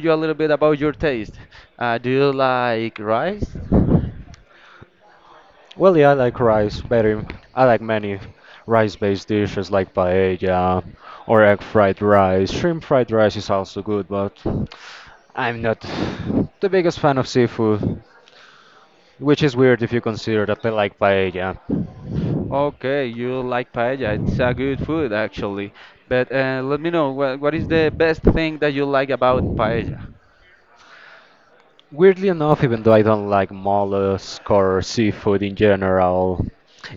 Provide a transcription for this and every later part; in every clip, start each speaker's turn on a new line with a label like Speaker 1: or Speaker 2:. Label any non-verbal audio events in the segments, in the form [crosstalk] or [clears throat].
Speaker 1: you a little bit about your taste. Do you like rice?
Speaker 2: Well, yeah, I like rice better. I like many rice-based dishes like paella or egg fried rice. Shrimp fried rice is also good, but I'm not the biggest fan of seafood, which is weird if you consider that I like paella.
Speaker 1: Okay, you like paella. It's a good food actually. But let me know what is the best thing that you like about paella?
Speaker 2: Weirdly enough, even though I don't like mollusk or seafood in general,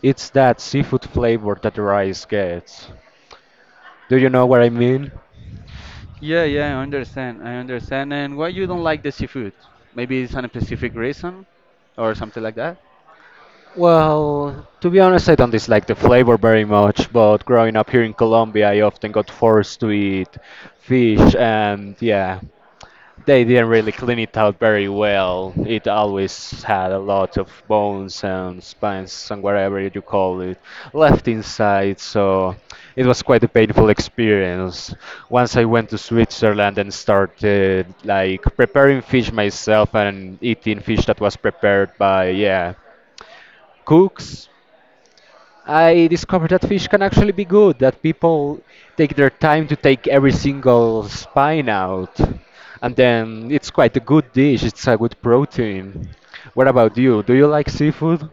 Speaker 2: it's that seafood flavor that rice gets. Do you know what I mean?
Speaker 1: Yeah, yeah, I understand. I understand. And why you don't like the seafood? Maybe it's a specific reason or something like that?
Speaker 2: Well, to be honest, I don't dislike the flavor very much, but growing up here in Colombia, I often got forced to eat fish, and yeah, they didn't really clean it out very well. It always had a lot of bones and spines and whatever you call it left inside, so it was quite a painful experience. Once I went to Switzerland and started like preparing fish myself and eating fish that was prepared by, yeah, cooks, I discovered that fish can actually be good, that people take their time to take every single spine out. And then it's quite a good dish, it's a good protein. What about you? Do you like seafood?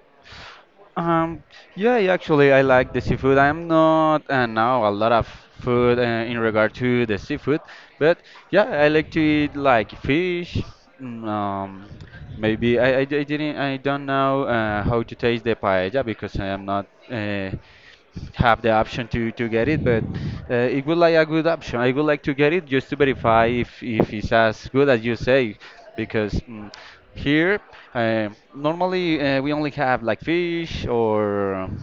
Speaker 1: Um, yeah, yeah, actually, I like the seafood. I'm not now a lot of food in regard to the seafood, but yeah, I like to eat like fish. mm, Um, Maybe I didn't I don't know how to taste the paella because I am not have the option to get it, but it would like a good option. I would like to get it just to verify if it's as good as you say, because here normally we only have like fish or.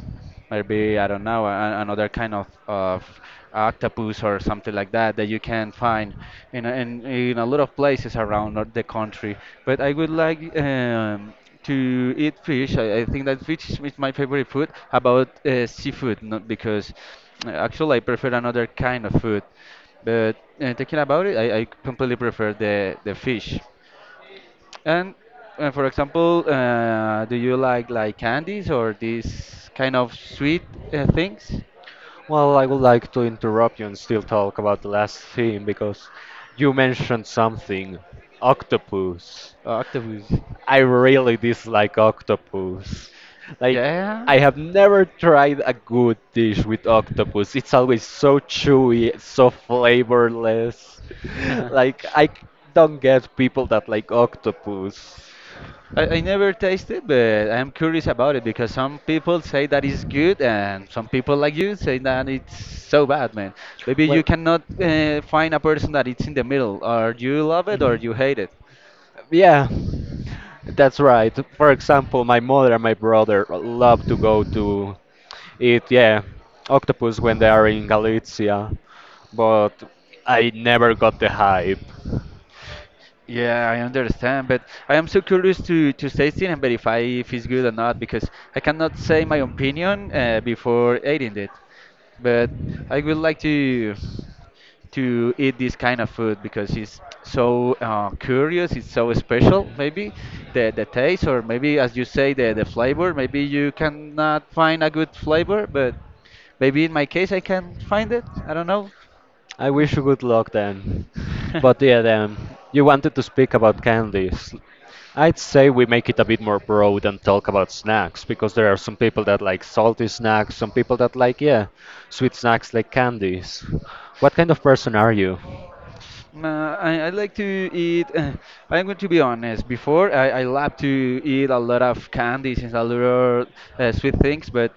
Speaker 1: Maybe I don't know another kind of octopus or something like that that you can find in a, in a lot of places around the country. But I would like to eat fish. I think that fish is my favorite food. How about seafood, not because actually I prefer another kind of food. But thinking about it, I completely prefer the fish. And for example, do you like candies or these kind of sweet things?
Speaker 2: Well, I would like to interrupt you and still talk about the last thing because you mentioned something octopus.
Speaker 1: Oh, octopus.
Speaker 2: I really dislike octopus. Like,
Speaker 1: Yeah.
Speaker 2: I have never tried a good dish with octopus. It's always so chewy, so flavorless. [laughs] Like, don't get people that like
Speaker 1: [laughs]
Speaker 2: octopus.
Speaker 1: I never tasted, but I'm curious about it because some people say that it's good, and some people like you say that it's so bad, man. Maybe you
Speaker 2: Well,
Speaker 1: cannot find a person that it's in the middle, or you love it or
Speaker 2: mhm,
Speaker 1: you hate it.
Speaker 2: yeah, that's right. For example, my mother and my brother love to go to eat, yeah, octopus when they are in Galicia, but I never got the hype.
Speaker 1: Yeah, I understand, but I am so curious to taste it and verify if it's good or not because I cannot say my opinion before eating it. But I would like to eat this kind of food because it's so curious, it's so special. Maybe the taste, or maybe as you say, the flavor. Maybe you cannot find a good flavor, but maybe in my case I can find it. I don't know.
Speaker 2: I wish you good luck then. But yeah,
Speaker 1: [laughs]
Speaker 2: then you wanted to speak about candies. I'd say we make it a bit more broad and talk about snacks because there are some people that like salty snacks, some people that like, yeah, sweet snacks like candies. What kind of person are you?
Speaker 1: I like to eat. [laughs] I'm going to be honest. Before, I love to eat a lot of candies and a lot of sweet things, but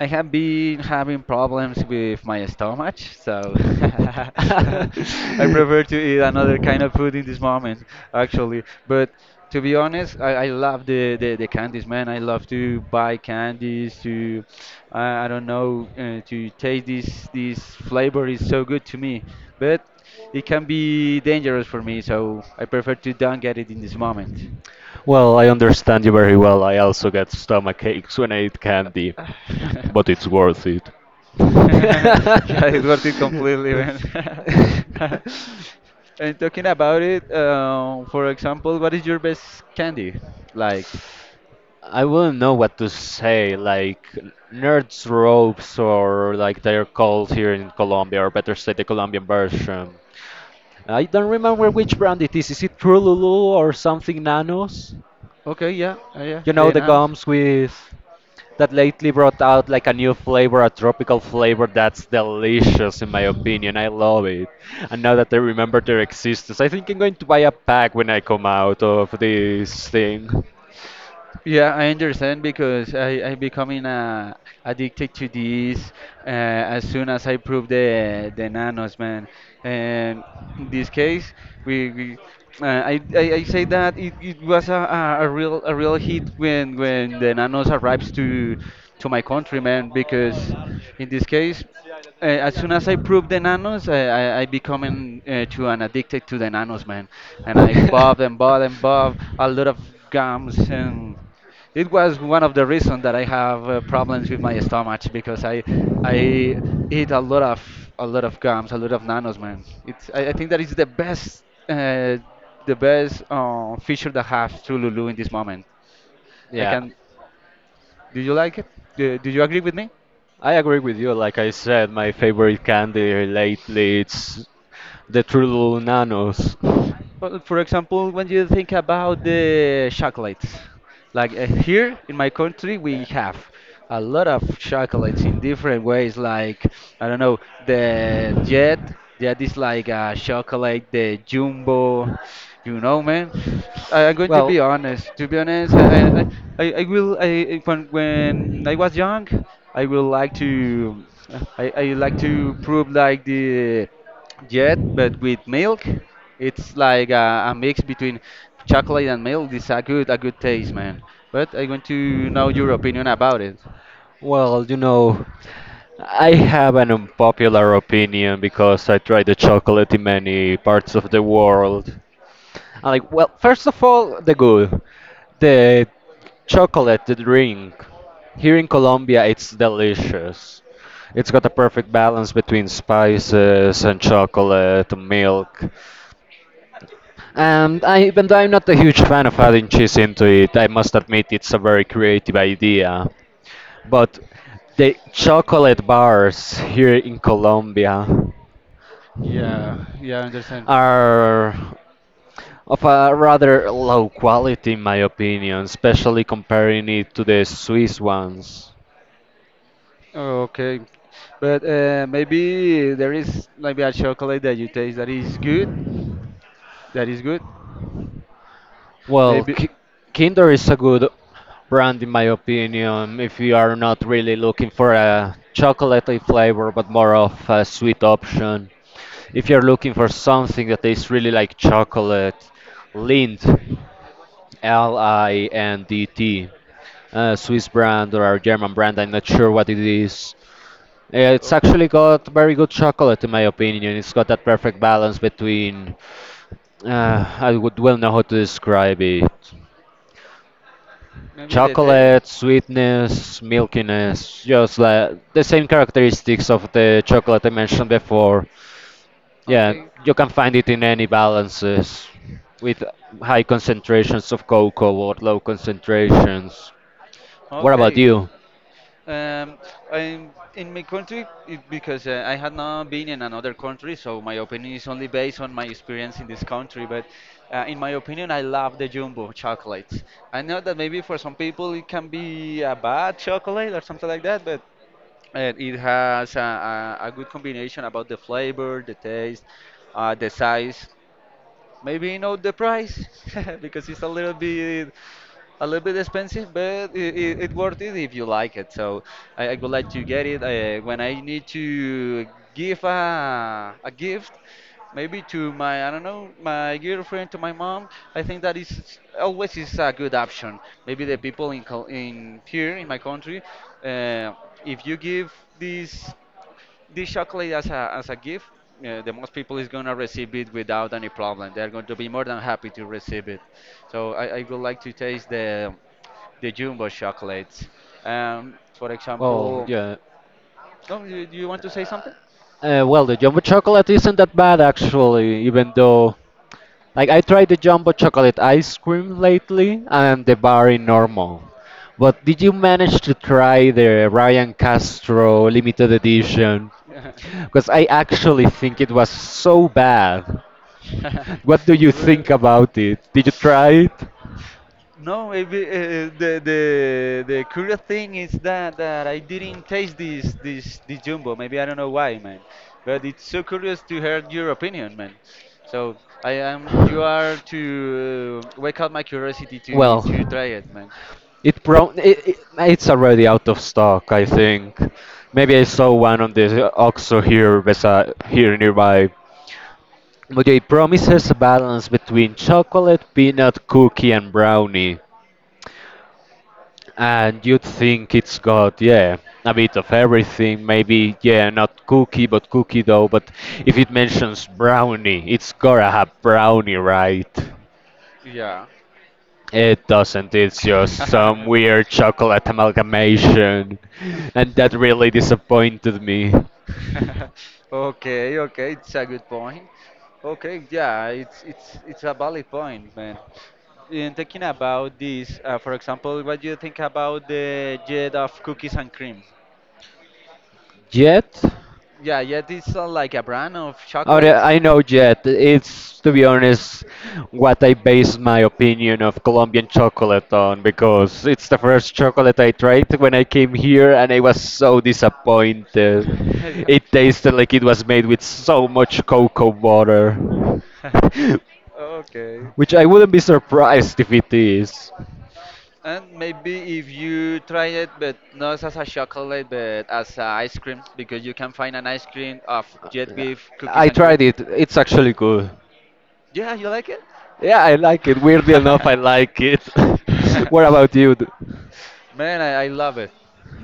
Speaker 1: I have been having problems with my stomach, so [laughs] I prefer
Speaker 2: [laughs]
Speaker 1: to eat another kind of food in this moment, actually. But to be honest, I love the candies, man. I love to buy candies, to, I don't know, to taste this flavor is so good to me. But it can be dangerous for me, so I prefer to don't get it in this moment.
Speaker 2: Well, I understand you very well. I also get stomach aches when I eat candy, but
Speaker 1: [sighs]
Speaker 2: it's
Speaker 1: [laughs]
Speaker 2: worth it.
Speaker 1: [laughs] Yeah, it worth it completely, man. [laughs]
Speaker 2: [laughs] [laughs]
Speaker 1: And talking about it, for example, what is your best candy? Like,
Speaker 2: I wouldn't know what to say, like nerds ropes or like they're called here in Colombia, or better said, the Colombian version. I don't remember which brand it is. Is it Trululu or something Nanos?
Speaker 1: okay, yeah, yeah,
Speaker 2: You
Speaker 1: the
Speaker 2: know the
Speaker 1: announce.
Speaker 2: gums with that lately brought out like a new flavor, a tropical flavor that's delicious in my opinion. I love it. And now that I remember their existence, I think I'm going to buy a pack when I come out of this thing.
Speaker 1: Yeah, I understand because I'm becoming addicted to this as soon as I prove the nanos, man. And in this case, we uh, I say that it was a real hit when the nanos arrives to my country, man. Because in this case. As soon as I proved the nanos, I become to an addicted to the nanos, man. And I bobbed
Speaker 2: [laughs]
Speaker 1: and bobbed and bobbed a lot of gums. And it was one of the reasons that I have problems with my stomach because I eat a lot of gums, a lot of nanos, man. It's I think that is uh, the best feature that I have to Lulu in this moment. I
Speaker 2: Yeah.
Speaker 1: can. Do you like it? Do you agree with me?
Speaker 2: I agree with you. Like I said, my favorite candy lately it's the True Nanos.
Speaker 1: Well, for example, when you think about the chocolates, like here in my country, we have a lot of chocolates in different ways. Like I don't know, the Jet. Jet is like a chocolate, the Jumbo. You know, man. I'm going to
Speaker 2: Well,
Speaker 1: be honest. To be honest, I will. When I was young, I will like to. I like to prove like the yet but with milk it's like a mix between chocolate and milk it's a good taste, man, but I want to know your opinion about it.
Speaker 2: well, I have an unpopular opinion because I tried the chocolate in many parts of the world. I like, first of all, the chocolate, the drink. Here in Colombia, it's delicious. It's got a perfect balance between spices and chocolate, milk. And I, even though I'm not a huge fan of adding cheese into it, I must admit it's a very creative idea. But the chocolate bars here in Colombia
Speaker 1: Yeah, yeah, I understand.
Speaker 2: are of a rather low quality, in my opinion, especially comparing it to the Swiss ones.
Speaker 1: Okay, but maybe there is maybe a chocolate that you taste that is good, that is good
Speaker 2: Well,
Speaker 1: maybe.
Speaker 2: Kinder is a good brand, in my opinion, if you are not really looking for a chocolatey flavor, but more of a sweet option. If you're looking for something that tastes really like chocolate, Lindt, L I N D T, a Swiss brand or a German brand, I'm not sure what it is. It's actually
Speaker 1: Okay,
Speaker 2: got very good chocolate, in my opinion. It's got that perfect balance between, I would well know how to describe it.
Speaker 1: maybe the taste.
Speaker 2: Chocolate, sweetness, milkiness, just like the same characteristics of the chocolate I mentioned before. Yeah,
Speaker 1: Okay,
Speaker 2: you can find it in any balances with high concentrations of cocoa or low concentrations. What
Speaker 1: okay.
Speaker 2: about you?
Speaker 1: Um, I'm in my country it, because I had not been in another country, so my opinion is only based on my experience in this country. But in my opinion, I love the Jumbo chocolates. I know that maybe for some people it can be a bad chocolate or something like that, but it has a, a good combination about the flavor, the taste, the size. Maybe not the price [laughs] because it's a little bit expensive, but it worth it if you like it. So I would like to get it when I need to give a, gift, maybe to my I don't know my girlfriend, to my mom. I think that is always is a good option. Maybe the people in in here in my country, uh, if you give this. This chocolate as a gift, the most people is gonna receive it without any problem. They're going to be more than happy to receive it. So I would like to taste the jumbo chocolates. For
Speaker 2: Well,
Speaker 1: example,
Speaker 2: yeah.
Speaker 1: no, you want to say something?
Speaker 2: The jumbo chocolate isn't that bad actually, even though like I tried the jumbo chocolate ice cream lately and the bar in normal. But did you manage to try the Ryan Castro limited edition? Because I actually think it was so bad. What do
Speaker 1: [laughs]
Speaker 2: you think
Speaker 1: Really?
Speaker 2: about it? Did you try it?
Speaker 1: No, maybe the curious thing is that I didn't taste this jumbo. Maybe I don't know why, man. But it's so curious to hear your opinion, man. So I am you are to wake up my curiosity to
Speaker 2: Well,
Speaker 1: try it, man.
Speaker 2: it pro it, it, it's already out of stock, I think. Maybe I saw one on the OXXO here beside here nearby. But it promises a balance between chocolate, peanut, cookie, and brownie. And you'd think it's got, yeah, a bit of everything. Maybe, yeah, not cookie, but cookie dough. But if it mentions brownie, it's gotta have brownie, right?
Speaker 1: Yeah.
Speaker 2: It doesn't, it's just some weird chocolate amalgamation. And that
Speaker 1: [laughs]
Speaker 2: really disappointed me.
Speaker 1: [laughs] Okay, okay, it's a good point. Okay, yeah, it's a valid point, man. In thinking about this, for example, what do you think about the jet of cookies and cream?
Speaker 2: Jet?
Speaker 1: Yeah, yeah, this is like a brand of
Speaker 2: Oh, yeah,
Speaker 1: chocolates.
Speaker 2: I know Jet. It's, to be honest, what I base my opinion of Colombian chocolate on because it's the first chocolate I tried when I came here and I was so disappointed. It
Speaker 1: [laughs]
Speaker 2: tasted like it was made with so much cocoa butter.
Speaker 1: Yeah. [laughs]
Speaker 2: [laughs]
Speaker 1: Okay.
Speaker 2: Which I wouldn't be surprised if it is.
Speaker 1: And maybe if you try it, but not as a chocolate, but as a ice cream, because you can find an ice cream of jet
Speaker 2: Uh,
Speaker 1: with cookies
Speaker 2: I
Speaker 1: and cream.
Speaker 2: tried it. It's actually good.
Speaker 1: Yeah, you like it?
Speaker 2: Yeah, I like it. Weirdly enough, I like
Speaker 1: [laughs] [laughs]
Speaker 2: it.
Speaker 1: What
Speaker 2: [laughs]
Speaker 1: about
Speaker 2: What about you?
Speaker 1: you? Man, I love it.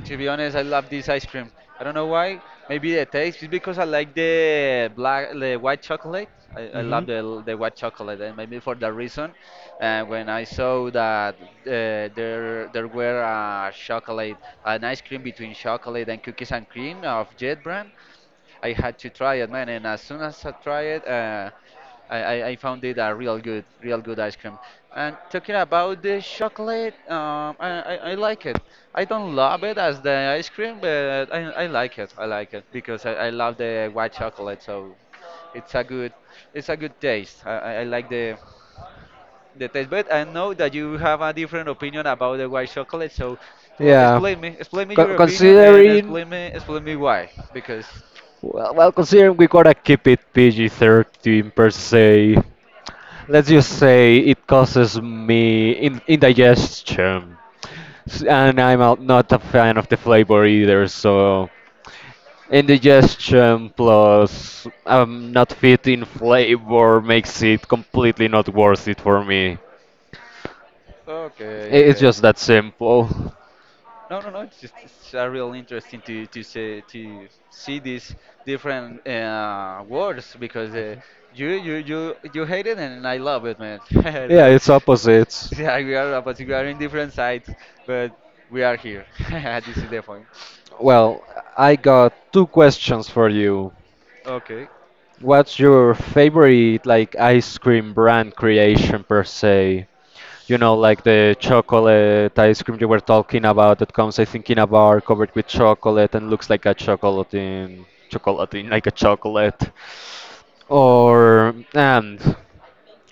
Speaker 1: To be honest, I love this ice cream. I don't know why. Maybe the taste. It's because I like the black, the white chocolate. I
Speaker 2: Mm-hmm.
Speaker 1: love the white chocolate, and maybe for that reason. And when I saw that there were a chocolate, an ice cream between chocolate and cookies and cream of Jet brand, I had to try it, man. And as soon as I tried it, I found it a real good, real good ice cream. And talking about the chocolate, I like it. I don't love it as the ice cream, but I like it. I like it because I love the white chocolate, so it's a good, it's a good taste. I like the taste, but I know that you have a different opinion about the white chocolate. So, well,
Speaker 2: Yeah.
Speaker 1: explain me
Speaker 2: Con-
Speaker 1: your opinion, and
Speaker 2: considering,
Speaker 1: explain me why, because
Speaker 2: considering we gotta keep it PG-13 per se. Let's just say it causes me in indigestion, and I'm not a fan of the flavor either. So indigestion plus I'm not fit in flavor makes it completely not worth it for me.
Speaker 1: okay,
Speaker 2: It's
Speaker 1: okay.
Speaker 2: just that simple. [laughs]
Speaker 1: No, no, no. It's just it's a real interesting to say to see these different words because you hate it and I love it, man. [laughs]
Speaker 2: Yeah,
Speaker 1: So
Speaker 2: it's opposites.
Speaker 1: yeah, we are but we are in different sides, but we are here. [laughs] This is the point.
Speaker 2: Well, I got two questions for you.
Speaker 1: Okay.
Speaker 2: What's your favorite like ice cream brand creation per se? You know, like the chocolate ice cream you were talking about that comes, I think, in a bar covered with chocolate and looks like a chocolate chocolatine, like a chocolate.
Speaker 1: Mm,
Speaker 2: Or, and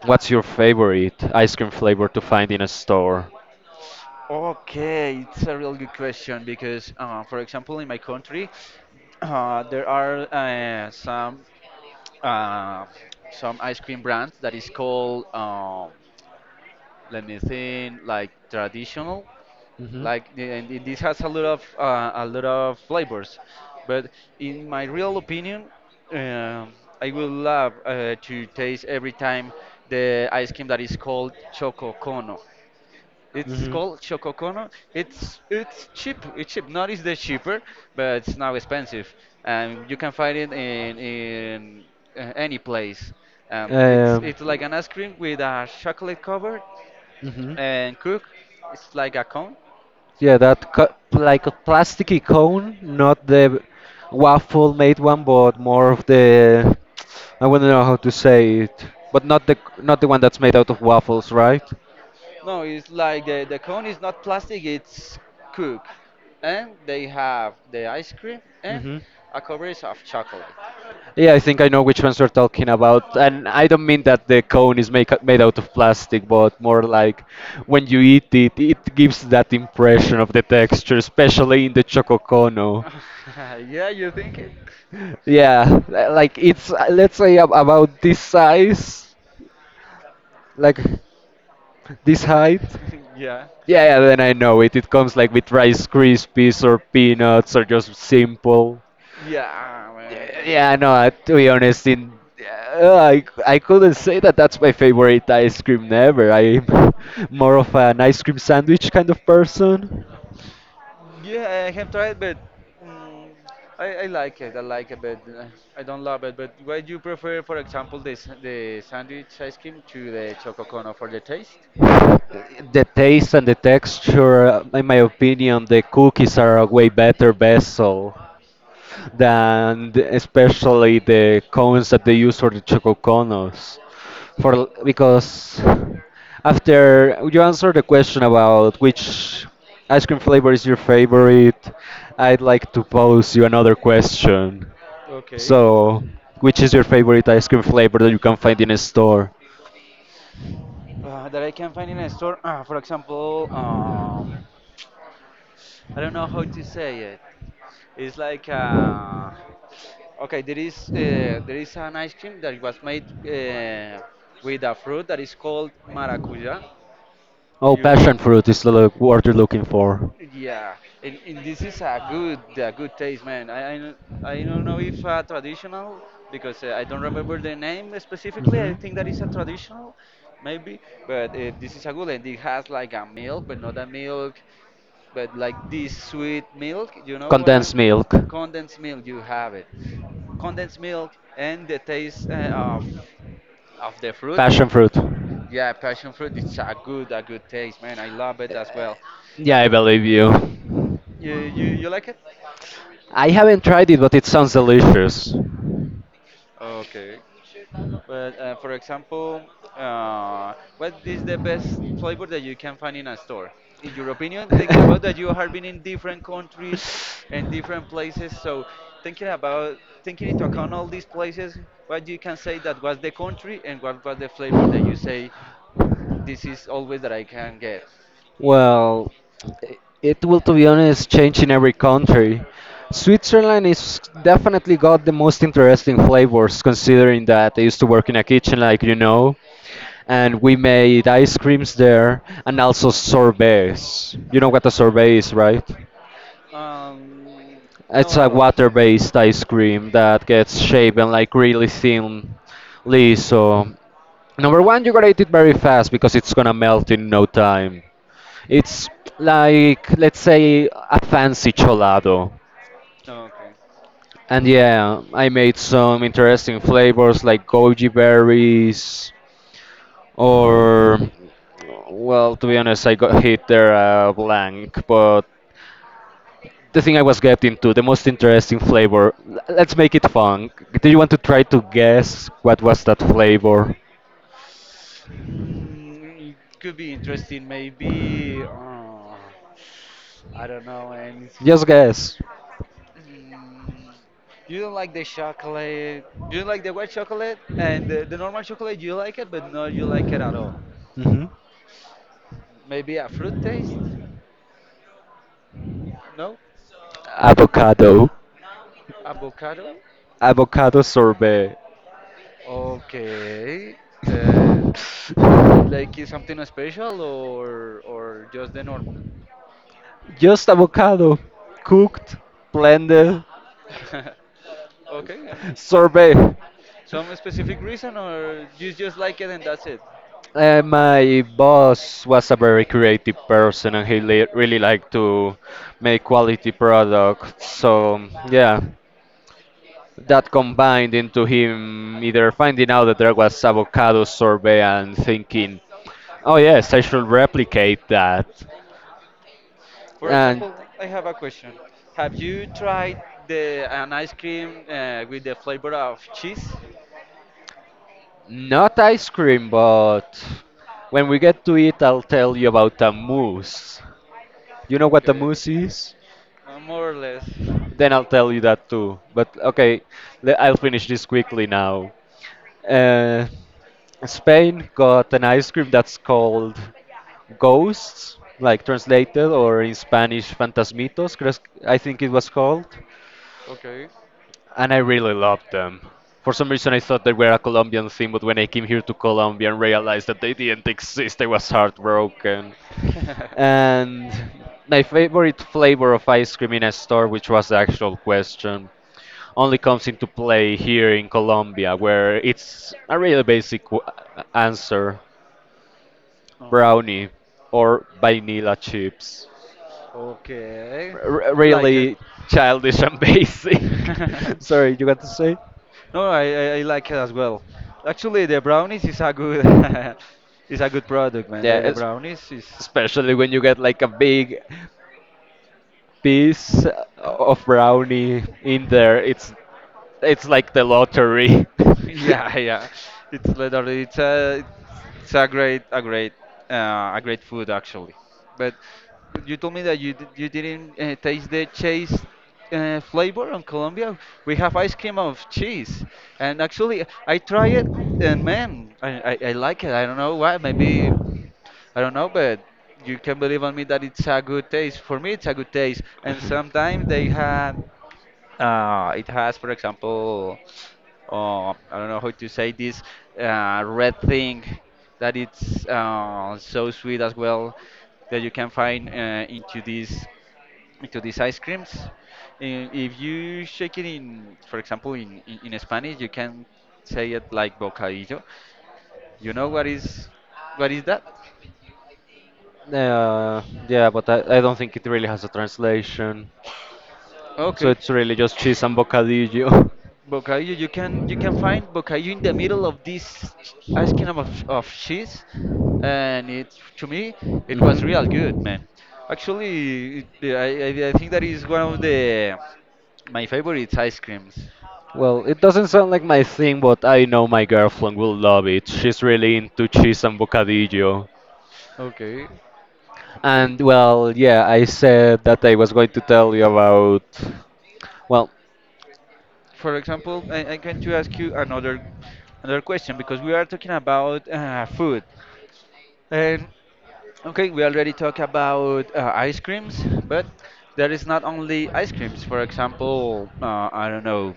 Speaker 2: what's your favorite ice cream flavor to find in a store?
Speaker 1: Okay, it's a real good question because, for example, in my country, there are uh, some ice cream brands that is called let me think like traditional
Speaker 2: hmm
Speaker 1: like and this has a lot of flavors but in my real opinion um I will love to taste every time the ice cream that is called choco cono it's
Speaker 2: hmm
Speaker 1: called Chococono. It's cheap. Not is the cheaper, but it's now expensive. And you can find it in any place. It's
Speaker 2: Um,
Speaker 1: it's like an ice cream with a chocolate cover
Speaker 2: hmm
Speaker 1: and cook. It's like a cone.
Speaker 2: Yeah, like a plasticky cone, not the waffle made one, but more of the I wouldn't know how to say it, but not the one that's made out of waffles, right?
Speaker 1: No, it's like the cone is not plastic, it's cooked. And they have the ice cream and
Speaker 2: hmm
Speaker 1: a coverage of chocolate.
Speaker 2: yeah, I think I know which ones you're talking about, and I don't mean that the cone is made out of plastic, but more like when you eat it, it gives that impression of the texture, especially in the choco cono.
Speaker 1: [laughs] Yeah, you think it?
Speaker 2: Yeah, like it's let's say about this size, like this height.
Speaker 1: [laughs] Yeah.
Speaker 2: Yeah, yeah, then I know it. It comes like with Rice Krispies or peanuts or just simple.
Speaker 1: Yeah, ah, man.
Speaker 2: Yeah, no, to be honest, in yeah, I couldn't say that that's my favorite ice cream never. I'm [laughs] more of an ice cream sandwich kind of person.
Speaker 1: Yeah, I have tried, but mm, I like it. I like it, but I don't love it. But why do you prefer, for example, the sandwich ice cream to the choco cono for the taste?
Speaker 2: The taste and the texture, in my opinion, the cookies are a way better best so than especially the cones that they use for the chococonos. Because after you answer the question about which ice cream flavor is your favorite, I'd like to pose you another question. So,
Speaker 1: Okay.
Speaker 2: which is your favorite ice cream flavor that you can find in a store?
Speaker 1: That I can find in a store. For example, I don't know how to say it. It's like, okay, there is an ice cream that was made with a fruit that is called maracuja.
Speaker 2: Oh,
Speaker 1: You
Speaker 2: passion fruit is the word you're looking for.
Speaker 1: Yeah, and this is a good taste, man. I don't know if traditional because I don't remember the name specifically. I think that is a
Speaker 2: hmm
Speaker 1: traditional, maybe. But this is a good, and it has like a milk, but not a milk, but like this sweet milk. You know what I'm?
Speaker 2: Condensed milk.
Speaker 1: Condensed milk. You have it. Condensed milk and the taste of the fruit.
Speaker 2: Passion fruit.
Speaker 1: Yeah, passion fruit. It's a good taste, man. I love it as well.
Speaker 2: Yeah,
Speaker 1: Uh,
Speaker 2: I believe you.
Speaker 1: you like it?
Speaker 2: I haven't tried it, but it sounds delicious.
Speaker 1: Okay. But for example, what is the best flavor that you can find in a store? In your opinion, thinking about that you have been in different countries and different places, so thinking about taking into account all these places, what you can say that was the country and what was the flavor that you say this is always that I can get?
Speaker 2: Well, it will, to be honest, change in every country. Switzerland is definitely got the most interesting flavors, considering that I used to work in a kitchen, like and we made ice creams there and also sorbets. You know what a sorbet is, right?
Speaker 1: Yeah. Um,
Speaker 2: It's
Speaker 1: not
Speaker 2: a
Speaker 1: at all.
Speaker 2: water-based ice cream that gets shaven like really thinly. So number one, you gotta eat it very fast because it's gonna melt in no time. It's like let's say a fancy cholado.
Speaker 1: No, okay.
Speaker 2: And yeah, I made some interesting flavors like goji berries, or, well, to be honest, I got hit there blank, but the thing I was getting to, the most interesting flavor. Let's make it fun. Do you want to try to guess what was that flavor?
Speaker 1: It could be interesting, maybe. I don't know, and
Speaker 2: Just guess.
Speaker 1: mm, you don't like the chocolate. You don't like the white chocolate and the normal chocolate. You like it, but not you like it at all.
Speaker 2: hmm
Speaker 1: Maybe a fruit taste? No,
Speaker 2: Avocado.
Speaker 1: avocado.
Speaker 2: Avocado sorbet.
Speaker 1: Okay. Uh, but like is something special or just the normal?
Speaker 2: Just avocado, cooked, blended,
Speaker 1: [laughs] Okay. And some
Speaker 2: sorbet.
Speaker 1: some specific reason, or you just like it and that's it.
Speaker 2: My boss was a very creative person and he li really liked to make quality products. So, yeah, that combined into him either finding out that there was avocado sorbet and thinking, oh, yes, I should replicate that.
Speaker 1: For
Speaker 2: And
Speaker 1: example, I have a question. Have you tried the an ice cream with the flavor of cheese?
Speaker 2: not ice cream, but when we get to it, I'll tell you about a mousse. You know what a
Speaker 1: Okay.
Speaker 2: mousse is?
Speaker 1: More or less.
Speaker 2: Then I'll tell you that too. But okay, I'll finish this quickly now. Uh, Spain got an ice cream that's called Ghosts, like translated or in Spanish, Fantasmitos, I think it was called.
Speaker 1: Okay.
Speaker 2: And I really loved them. For some reason, I thought they were a Colombian thing, but when I came here to Colombia and realized that they didn't exist, I was heartbroken. And my favorite flavor of ice cream in a store, which was the actual question,
Speaker 1: [laughs]
Speaker 2: only comes into play here in Colombia, where it's a really basic answer brownie or vanilla chips.
Speaker 1: Okay, like it.
Speaker 2: Really childish and [laughs] basic.
Speaker 1: [laughs]
Speaker 2: Sorry, you got to say?
Speaker 1: No, I like it as well. Actually, the brownies is a good [laughs] is a good product, man.
Speaker 2: Yeah,
Speaker 1: The brownies is.
Speaker 2: especially when you get like a big piece of brownie in there, it's like the lottery.
Speaker 1: [laughs] Yeah, yeah. It's literally it's a great a great a great food, actually.
Speaker 2: [laughs]
Speaker 1: But you told me that you you didn't taste the cheese flavor on Colombia. We have ice cream of cheese, and actually I try it, and man, I like it. I don't know why. Maybe I don't know, but you can believe on me that it's a good taste. For me, it's a good taste. And sometimes they had it has, for example, I don't know how to say this red thing that it's so sweet as well that you can find into these ice creams. And if you shake it in, for example, in Spanish, you can say it like bocadillo. You know what is that?
Speaker 2: Uh, yeah, but I don't think it really has a translation. So
Speaker 1: Okay.
Speaker 2: it's really just cheese and bocadillo.
Speaker 1: Bocadillo, you can find bocadillo in the middle of this
Speaker 2: [laughs]
Speaker 1: ice cream of cheese, and it to me it was real good,
Speaker 2: hmm
Speaker 1: man. Actually, it, I think that is one of the my favorite ice creams.
Speaker 2: Well, it doesn't sound like my thing, but I know my girlfriend will love it. She's really into cheese and bocadillo.
Speaker 1: Okay.
Speaker 2: And
Speaker 1: Ik-
Speaker 2: well, yeah, I said that I was going to tell you about. Well,
Speaker 1: For example, I'm going to ask you another question because we are talking about food, and okay, we already talked about ice creams, but there is not only ice creams. For example, I don't know.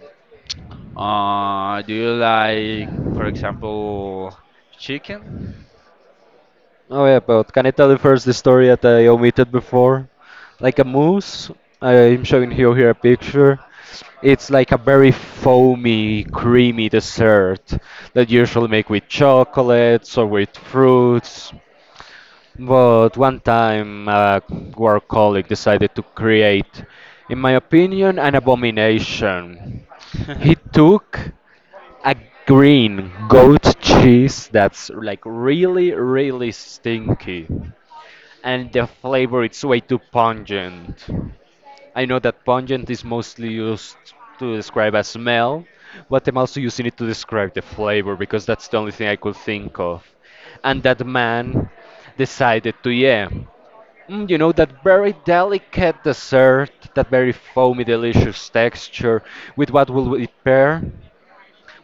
Speaker 1: Do you like, for example, chicken?
Speaker 2: oh yeah, but can I tell you first the story that I omitted before? Like a mousse. I'm showing you here a picture. It's like a very foamy, creamy dessert that you usually make with chocolates or with fruits. But one time, a work colleague decided to create, in my opinion, an abomination. He
Speaker 1: [laughs]
Speaker 2: took a green goat cheese that's like really, really stinky. And the flavor it's way too pungent. I know that pungent is mostly used to describe a smell, but I'm also using it to describe the flavor because that's the only thing I could think of. And that man decided to, yeah, that very delicate dessert, that very foamy, delicious texture, with what will we pair?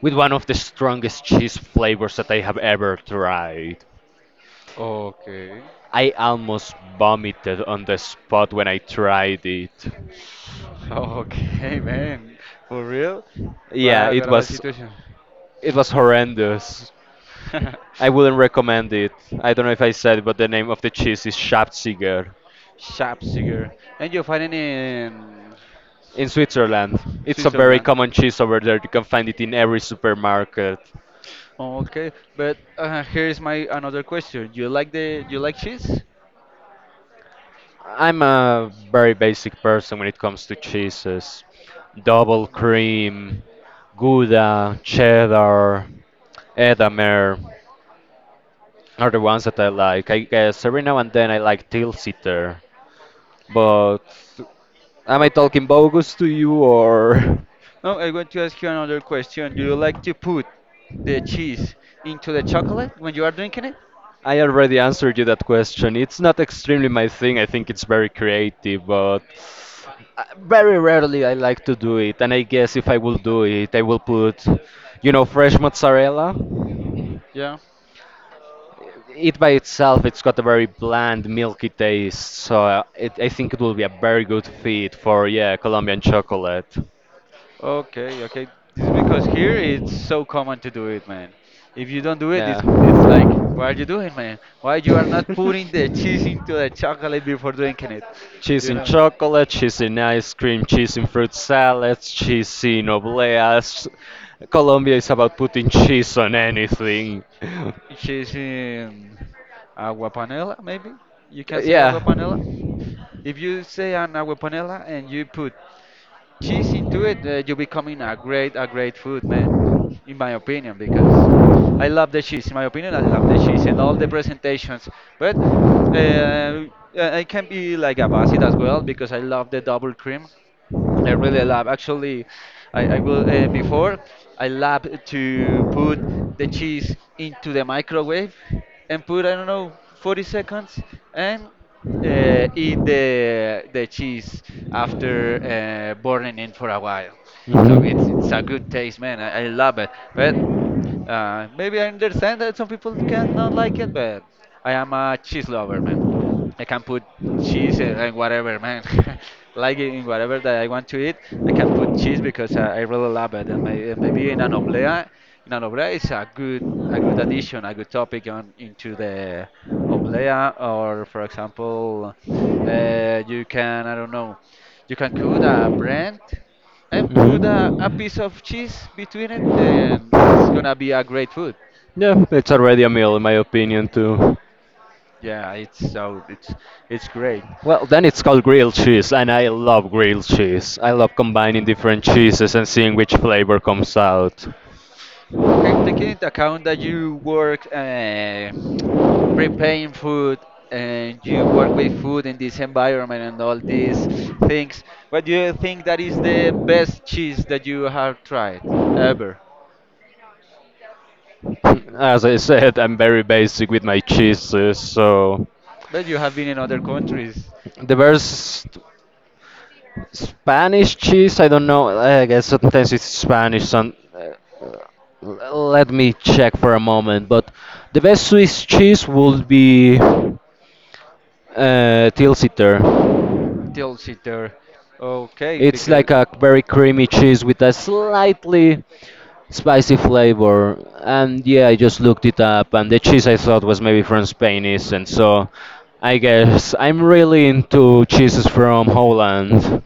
Speaker 2: With one of the strongest cheese flavors that I have ever tried.
Speaker 1: Okay.
Speaker 2: I almost vomited on the spot when I tried it.
Speaker 1: Okay, man. For real? What,
Speaker 2: Yeah, it
Speaker 1: what about
Speaker 2: was
Speaker 1: situation?
Speaker 2: it was horrendous.
Speaker 1: [laughs] [laughs]
Speaker 2: I wouldn't recommend it. I don't know if I said, but the name of the cheese is
Speaker 1: She's,
Speaker 2: Schabziger
Speaker 1: the and you find it in
Speaker 2: in
Speaker 1: Swi-
Speaker 2: Switzerland. It's a very
Speaker 1: Switzerland.
Speaker 2: common cheese over there. You can find it in every supermarket.
Speaker 1: Okay, but here is my another question. Do you like cheese?
Speaker 2: I'm a very basic person when it comes to cheeses. Double cream, Gouda, cheddar, Edamer are the ones that I like. I guess every now and then I like Tilsiter. But am I
Speaker 1: Like, okay.
Speaker 2: talking bogus to you or? [laughs]
Speaker 1: Now I am going to ask you another question. Do you like to put the cheese into the chocolate when you are drinking it?
Speaker 2: I already answered you that question. It's not extremely my thing. I think it's very creative, but very rarely I like to do it. And I guess if I will do it, I will put, you know, fresh mozzarella.
Speaker 1: Yeah.
Speaker 2: It by itself, it's got a very bland, milky taste. So it, I think it will be a very good fit for, yeah, Colombian chocolate.
Speaker 1: Okay, okay. This is because here it's so common to do it, man. If you don't do it, it's
Speaker 2: Yeah.
Speaker 1: it's like, why are you doing, man? Why you are not putting the
Speaker 2: [laughs]
Speaker 1: cheese into the chocolate before drinking it?
Speaker 2: Cheese
Speaker 1: You
Speaker 2: in
Speaker 1: know?
Speaker 2: chocolate, cheese in ice cream, cheese in fruit salads, cheese in obleas. Colombia is about putting cheese on anything. [laughs]
Speaker 1: Cheese in agua panela, maybe? You can say agua
Speaker 2: Yeah.
Speaker 1: panela. If you say an agua panela and you put she's into it, you're becoming a great food man, in my opinion, because I love the cheese. In my opinion, I love the cheese and all the presentations. But uh, I can be like a basit as well because I love the double cream. I really love. Actually, I will before I love to put the cheese into the microwave and put I don't know 40 seconds and eat the cheese after burning it for a while. So it's a good
Speaker 2: Mhm.
Speaker 1: taste, man. I love it. But maybe I understand that some people cannot like it, but I am a cheese lover, man. I can put cheese and whatever, man. [laughs] Like in whatever that I want to eat, I can put cheese because I really love it. And maybe in an oblea is a good addition, a good topic on into the oblea. Or for example, you can I don't know, you can cook a brand and put a
Speaker 2: Mhm.
Speaker 1: piece of cheese between it, and it's gonna be a great food.
Speaker 2: Yeah, it's already a meal in my opinion too.
Speaker 1: Yeah, it's great.
Speaker 2: Well, then it's called grilled cheese, and I love grilled cheese. I love combining different cheeses and seeing which flavor comes out.
Speaker 1: Okay, taking into account that you work preparing food and you work with food in this environment and all these things, what do you think that is the best cheese that you have tried ever?
Speaker 2: [laughs] As I said, I'm very basic with my cheeses, so
Speaker 1: But you have been in other countries,
Speaker 2: the best Spanish cheese, I don't know. I guess sometimes it's Spanish. Let me check for a moment. But the best Swiss cheese would be Tilsiter.
Speaker 1: till there. Okay,
Speaker 2: It's
Speaker 1: because
Speaker 2: like a very creamy cheese with a slightly spicy flavor. And yeah, I just looked it up, and the cheese I thought was maybe from Spain isn't. So I guess I'm really into cheeses from Holland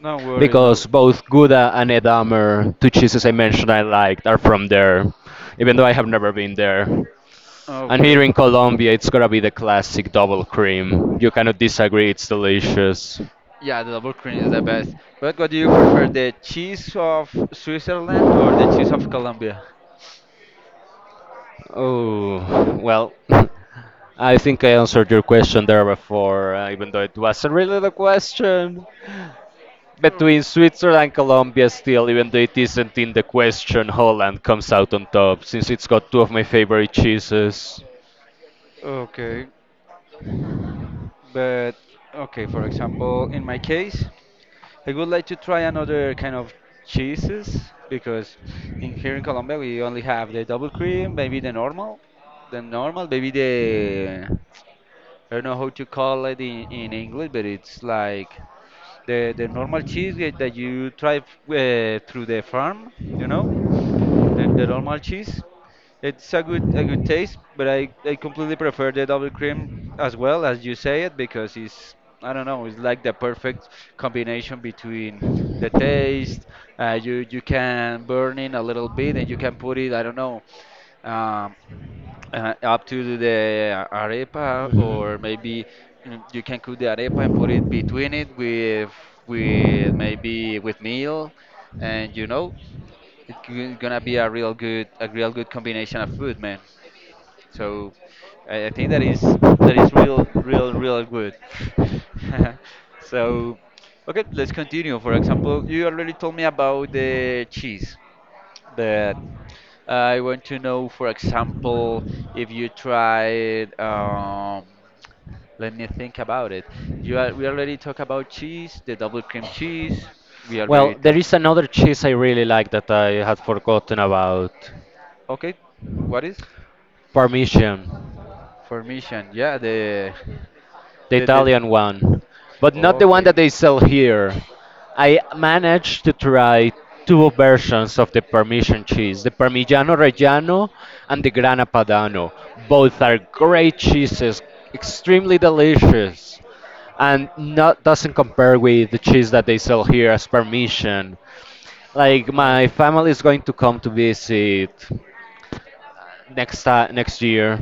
Speaker 1: no worries,
Speaker 2: because
Speaker 1: no.
Speaker 2: both Gouda and Edamer, two cheeses I mentioned I liked, are from there, even though I have never been there. And here
Speaker 1: Okay.
Speaker 2: in Colombia, it's gonna be the classic double cream. You cannot disagree, it's delicious.
Speaker 1: Yeah, the double cream is the best. But what do you prefer, the cheese of Switzerland or the cheese of Colombia?
Speaker 2: Oh, well, [laughs] I think I answered your question there before, even though it wasn't really the question. Between Switzerland and Colombia, still, even though it isn't in the question, Holland comes out on top since it's got two of my favorite cheeses.
Speaker 1: Okay, but okay, for example, in my case, I would like to try another kind of cheeses because in here in Colombia we only have the double cream, maybe the normal, maybe the I don't know how to call it in English, but it's like the normal cheese that you try through the farm, you know, the normal cheese. It's a good taste, but I completely prefer the double cream as well as you say it because it's I don't know, it's like the perfect combination between the taste. You can burn in a little bit and you can put it I don't know. Um, up to the arepa
Speaker 2: Mhm.
Speaker 1: or maybe you can cook the arepa and put it between it with maybe with meal and you know it's gonna be a real good combination of food, man, so I think that is real real real good. [laughs] So okay, let's continue. For example, you already told me about the cheese, but I want to know, for example, if you tried, let me think about it. We already talked about cheese, the double cream cheese. We
Speaker 2: Well,
Speaker 1: already
Speaker 2: there
Speaker 1: talked.
Speaker 2: is another cheese I really like that I had forgotten about,
Speaker 1: Okay, what is?
Speaker 2: Parmesan.
Speaker 1: Formation. Yeah, the
Speaker 2: The
Speaker 1: the the.
Speaker 2: Italian one, but not the one that
Speaker 1: Okay.
Speaker 2: they sell here. I managed to try two versions of the Parmesan cheese, the Parmigiano Reggiano and the Grana Padano. Both are great cheeses, extremely delicious, and not doesn't compare with the cheese that they sell here as Parmesan. Like my family is going to come to visit next year,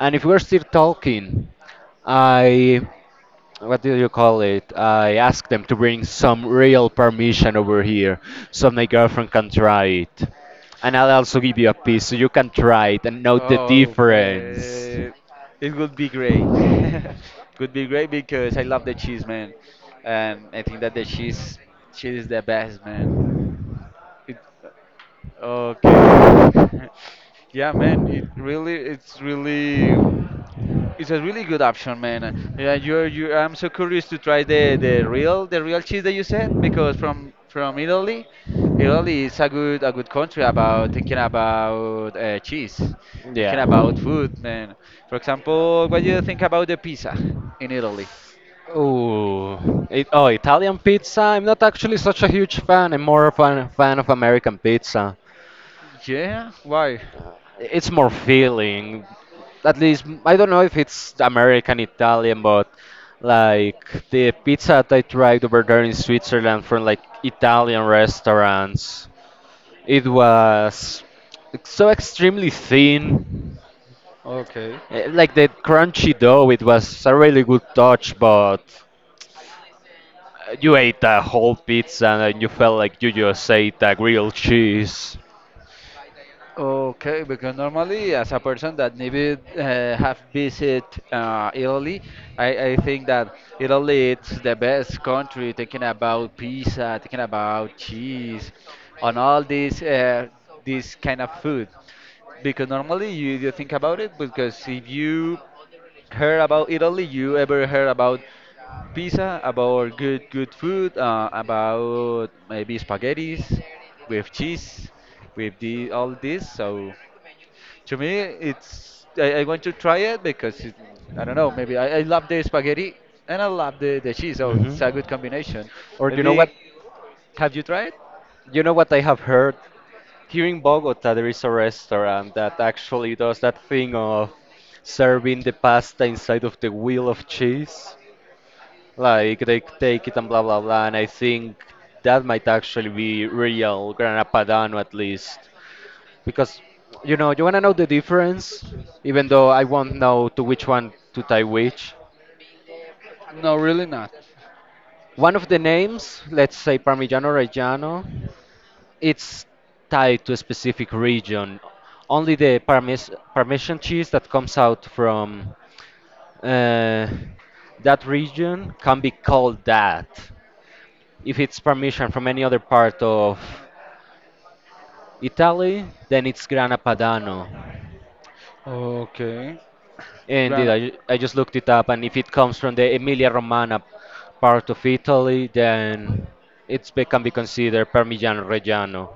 Speaker 2: and if we're still talking, I what do you call it? I asked them to bring some real permission over here so my girlfriend can try it. And I'll also give you a piece so you can try it and know the
Speaker 1: Oh,
Speaker 2: difference.
Speaker 1: man, it would be great. [laughs] Would be great because I love the cheese, man, and I think that the cheese is the best, man. It, okay, [laughs] yeah, man. It really. It's a really good option, man. Yeah, you're you. I'm so curious to try the real cheese that you said because from Italy, Italy is a good country about thinking about cheese, thinking
Speaker 2: Yeah.
Speaker 1: about food, man. For example, what do you think about the pizza in Italy?
Speaker 2: Ooh. It, oh, Italian pizza? I'm not actually such a huge fan. I'm more of a fan of American pizza.
Speaker 1: Yeah, why?
Speaker 2: It's more feeling. At least I don't know if it's American Italian, but like the pizza that I tried over there in Switzerland from like Italian restaurants, it was so extremely thin.
Speaker 1: Okay.
Speaker 2: Like the crunchy dough, it was a really good touch, but you ate a whole pizza and you felt like you just ate a grilled cheese.
Speaker 1: Okay, because normally, as a person that maybe have visit Italy, I think that Italy it's the best country. Thinking about pizza, thinking about cheese, on all this kind of food, because normally you think about it because if you heard about Italy? You ever heard about pizza, about good food, about maybe spaghettis with cheese, with the all this? So to me, I want to try it because I don't know. Maybe I love the spaghetti and I love the cheese, so
Speaker 2: hmm
Speaker 1: it's a good combination.
Speaker 2: Or you know what?
Speaker 1: Maybe have you tried?
Speaker 2: You know what I have heard? Here in Bogota, there is a restaurant that actually does that thing of serving the pasta inside of the wheel of cheese. Like they take it and blah blah blah. And I think that might actually be real Grana Padano at least. Because, you know, you want to know the difference, even though I won't know to which one to tie which.
Speaker 1: No, really not.
Speaker 2: One of the names, let's say Parmigiano Reggiano, it's tied to a specific region. Only the Parmesan cheese that comes out from uh, that region can be called that. If it's Parmesan from any other part of Italy, then it's Grana Padano.
Speaker 1: Okay.
Speaker 2: Indeed,
Speaker 1: Gran
Speaker 2: I just looked it up, and if it comes from the Emilia Romagna part of Italy, then can be considered Parmigiano Reggiano.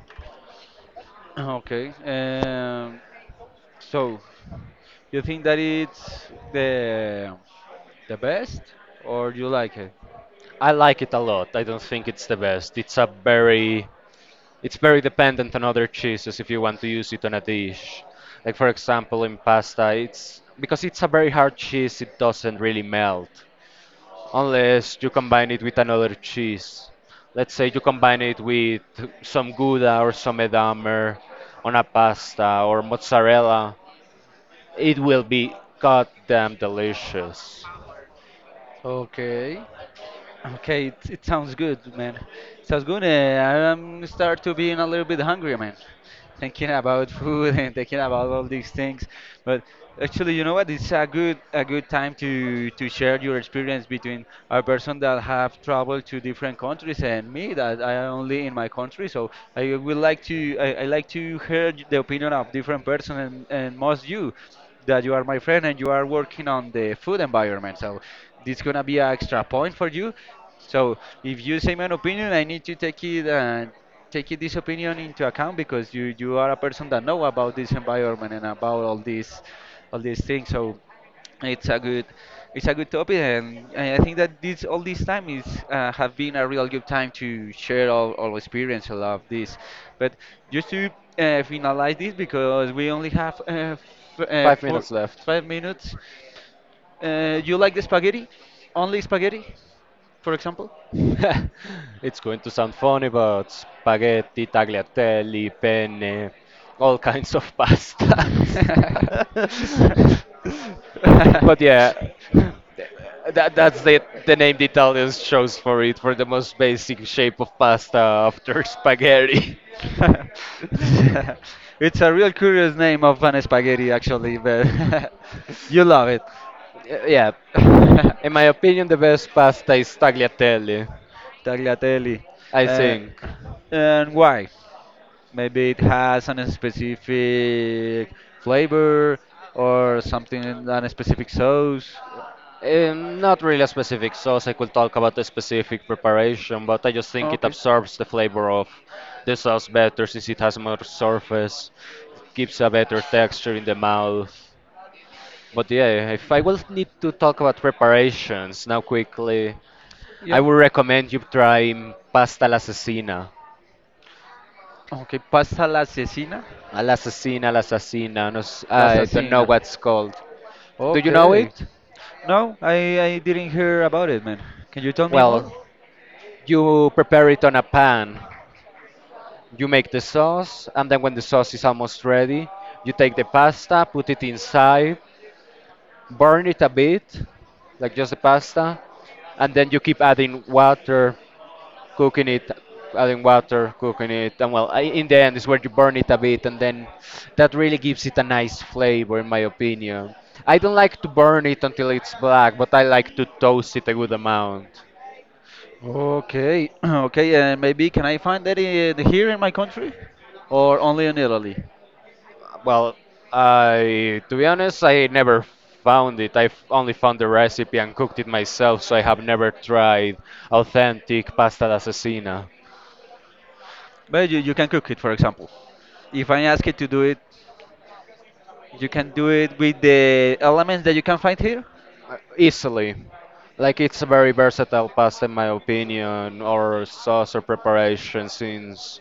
Speaker 1: Okay. So, you think that it's the best, or you like it?
Speaker 2: I like it a lot. I don't think it's the best. It's a very, it's very dependent on other cheeses if you want to use it on a dish. Like for example in pasta, it's because it's a very hard cheese, it doesn't really melt unless you combine it with another cheese. Let's say you combine it with some gouda or some Edamer on a pasta or mozzarella. It will be goddamn delicious.
Speaker 1: Okay. Okay, it sounds good, man. Sounds good. I'm start to being a little bit hungry, man. Thinking about [laughs] food and thinking about all these things. But actually, you know what? It's a good time to share your experience between a person that have traveled to different countries and me that I am only in my country. So I would like to, I like to hear the opinion of different person and most you that you are my friend and you are working on the food environment. So this gonna be an extra point for you. So if you say my opinion, I need to take it and take it, this opinion into account because you are a person that know about this environment and about all these things. So it's a good, it's a good topic, and I think that this all this time is have been a real good time to share our experience all of this. But just to finalize this, because we only have f
Speaker 2: Five
Speaker 1: 4,
Speaker 2: minutes left.
Speaker 1: 5 minutes. You like the spaghetti? Only spaghetti, for example?
Speaker 2: [laughs] It's going to sound funny, but spaghetti, tagliatelle, penne, all kinds of pasta. [laughs] But yeah,
Speaker 1: [laughs]
Speaker 2: th-
Speaker 1: [laughs]
Speaker 2: that's the name the Italians chose for it for the most basic shape of pasta after [laughs] spaghetti.
Speaker 1: It's a real curious name of an spaghetti, actually, but [laughs] you love it.
Speaker 2: Yeah,
Speaker 1: [laughs]
Speaker 2: in my opinion, the best pasta is tagliatelle,
Speaker 1: Tagliatelli.
Speaker 2: I
Speaker 1: Uh,
Speaker 2: think.
Speaker 1: and why? Maybe it has an specific flavor or something, in a specific sauce.
Speaker 2: Not really a specific sauce. I could talk about the specific preparation, but I just
Speaker 1: Oh.
Speaker 2: think it
Speaker 1: Okay.
Speaker 2: absorbs the flavor of the sauce better since it has more surface. It gives a better texture in the mouth. But yeah, if I will need to talk about preparations now quickly, I
Speaker 1: Yeah.
Speaker 2: would recommend you trying pasta all'assassina.
Speaker 1: Okay, pasta la asesina,
Speaker 2: All'assassina, all'assassina. No,
Speaker 1: la
Speaker 2: I don't know
Speaker 1: asesina.
Speaker 2: what's called. Do you know
Speaker 1: Okay.
Speaker 2: it?
Speaker 1: No, I didn't hear about it, man. Can you tell me more?
Speaker 2: Well, you prepare it on a pan. You make the sauce, and then when the sauce is almost ready, you take the pasta, put it inside, burn it a bit, like just the pasta, and then you keep adding water, cooking it, adding water, cooking it, and well, in the end is where you burn it a bit, and then that really gives it a nice flavor, in my opinion. I don't like to burn it until it's black, but I like to toast it a good amount.
Speaker 1: Okay, [clears throat] okay, and maybe can I find that here in my country, or only in Italy?
Speaker 2: Well, I to be honest, I never found it. I only found the recipe and cooked it myself, so I have never tried authentic pasta d'assassina.
Speaker 1: But you can cook it, for example. If I ask it to do it, you can do it with the elements that you can find here.
Speaker 2: Easily. Like it's a very versatile pasta in my opinion, or sauce or preparation since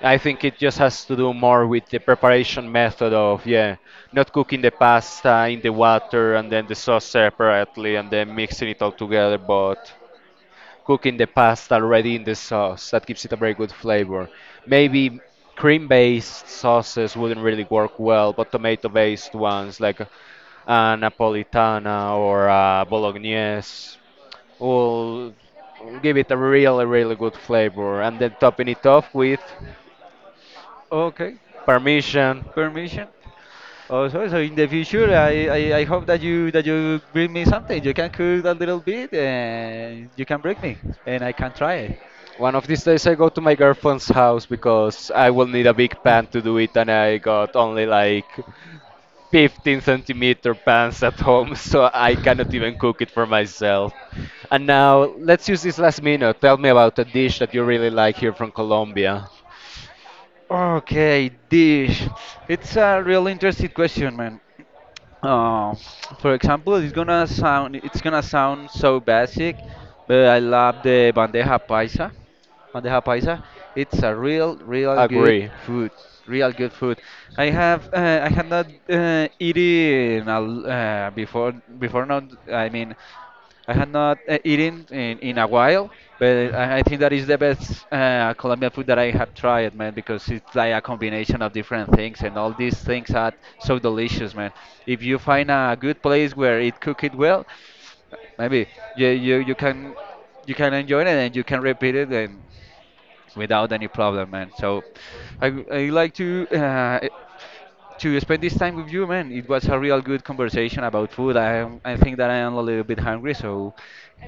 Speaker 2: I think it just has to do more with the preparation method of, yeah, not cooking the pasta in the water and then the sauce separately and then mixing it all together, but cooking the pasta already in the sauce. That gives it a very good flavor. Maybe cream-based sauces wouldn't really work well, but tomato-based ones like a Napolitana or a Bolognese will give it a really, really good flavor. And then topping it off with
Speaker 1: Okay,
Speaker 2: Parmesan.
Speaker 1: permission. Also, so in the future, I hope that you bring me something. You can cook a little bit, and you can bring me, and I can try
Speaker 2: One of these days I go to my girlfriend's house because I will need a big
Speaker 1: it.
Speaker 2: pan to
Speaker 1: [clears throat] [coughs]
Speaker 2: do it, and I got only like 15 cm centimeter pans at home, [laughs] so I cannot even cook it for myself. And now, let's use this last minute. Tell me about a dish that you really like here from Colombia.
Speaker 1: Okay, dish. It's a real interesting question, man. Uh, for example, it's gonna sound so basic, but I love the bandeja paisa. Bandeja paisa. It's a real, real good
Speaker 2: Agree.
Speaker 1: food. Real good food. I had not eaten before not. I mean. I had not eaten in a while, but
Speaker 2: Mhm.
Speaker 1: I think that is the best Colombian food that I have tried, man, because it's like a combination of different things, and all these things are so delicious, man. If you find a good place where it cook it well, maybe you you, you can you can enjoy it and you can repeat it, and without any problem, man. So I like to spend this time with you, man. It was a real good conversation about food. I think that I am a little bit hungry, so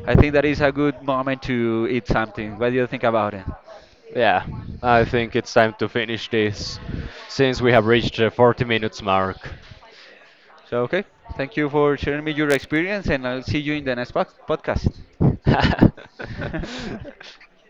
Speaker 1: I think that is a good moment to eat something. What do you think about it?
Speaker 2: Yeah, I think it's time to finish this since we have reached the 40 minutes mark.
Speaker 1: So okay, thank you for sharing me your experience, and I'll see you in the next podcast.
Speaker 2: [laughs]
Speaker 1: [laughs]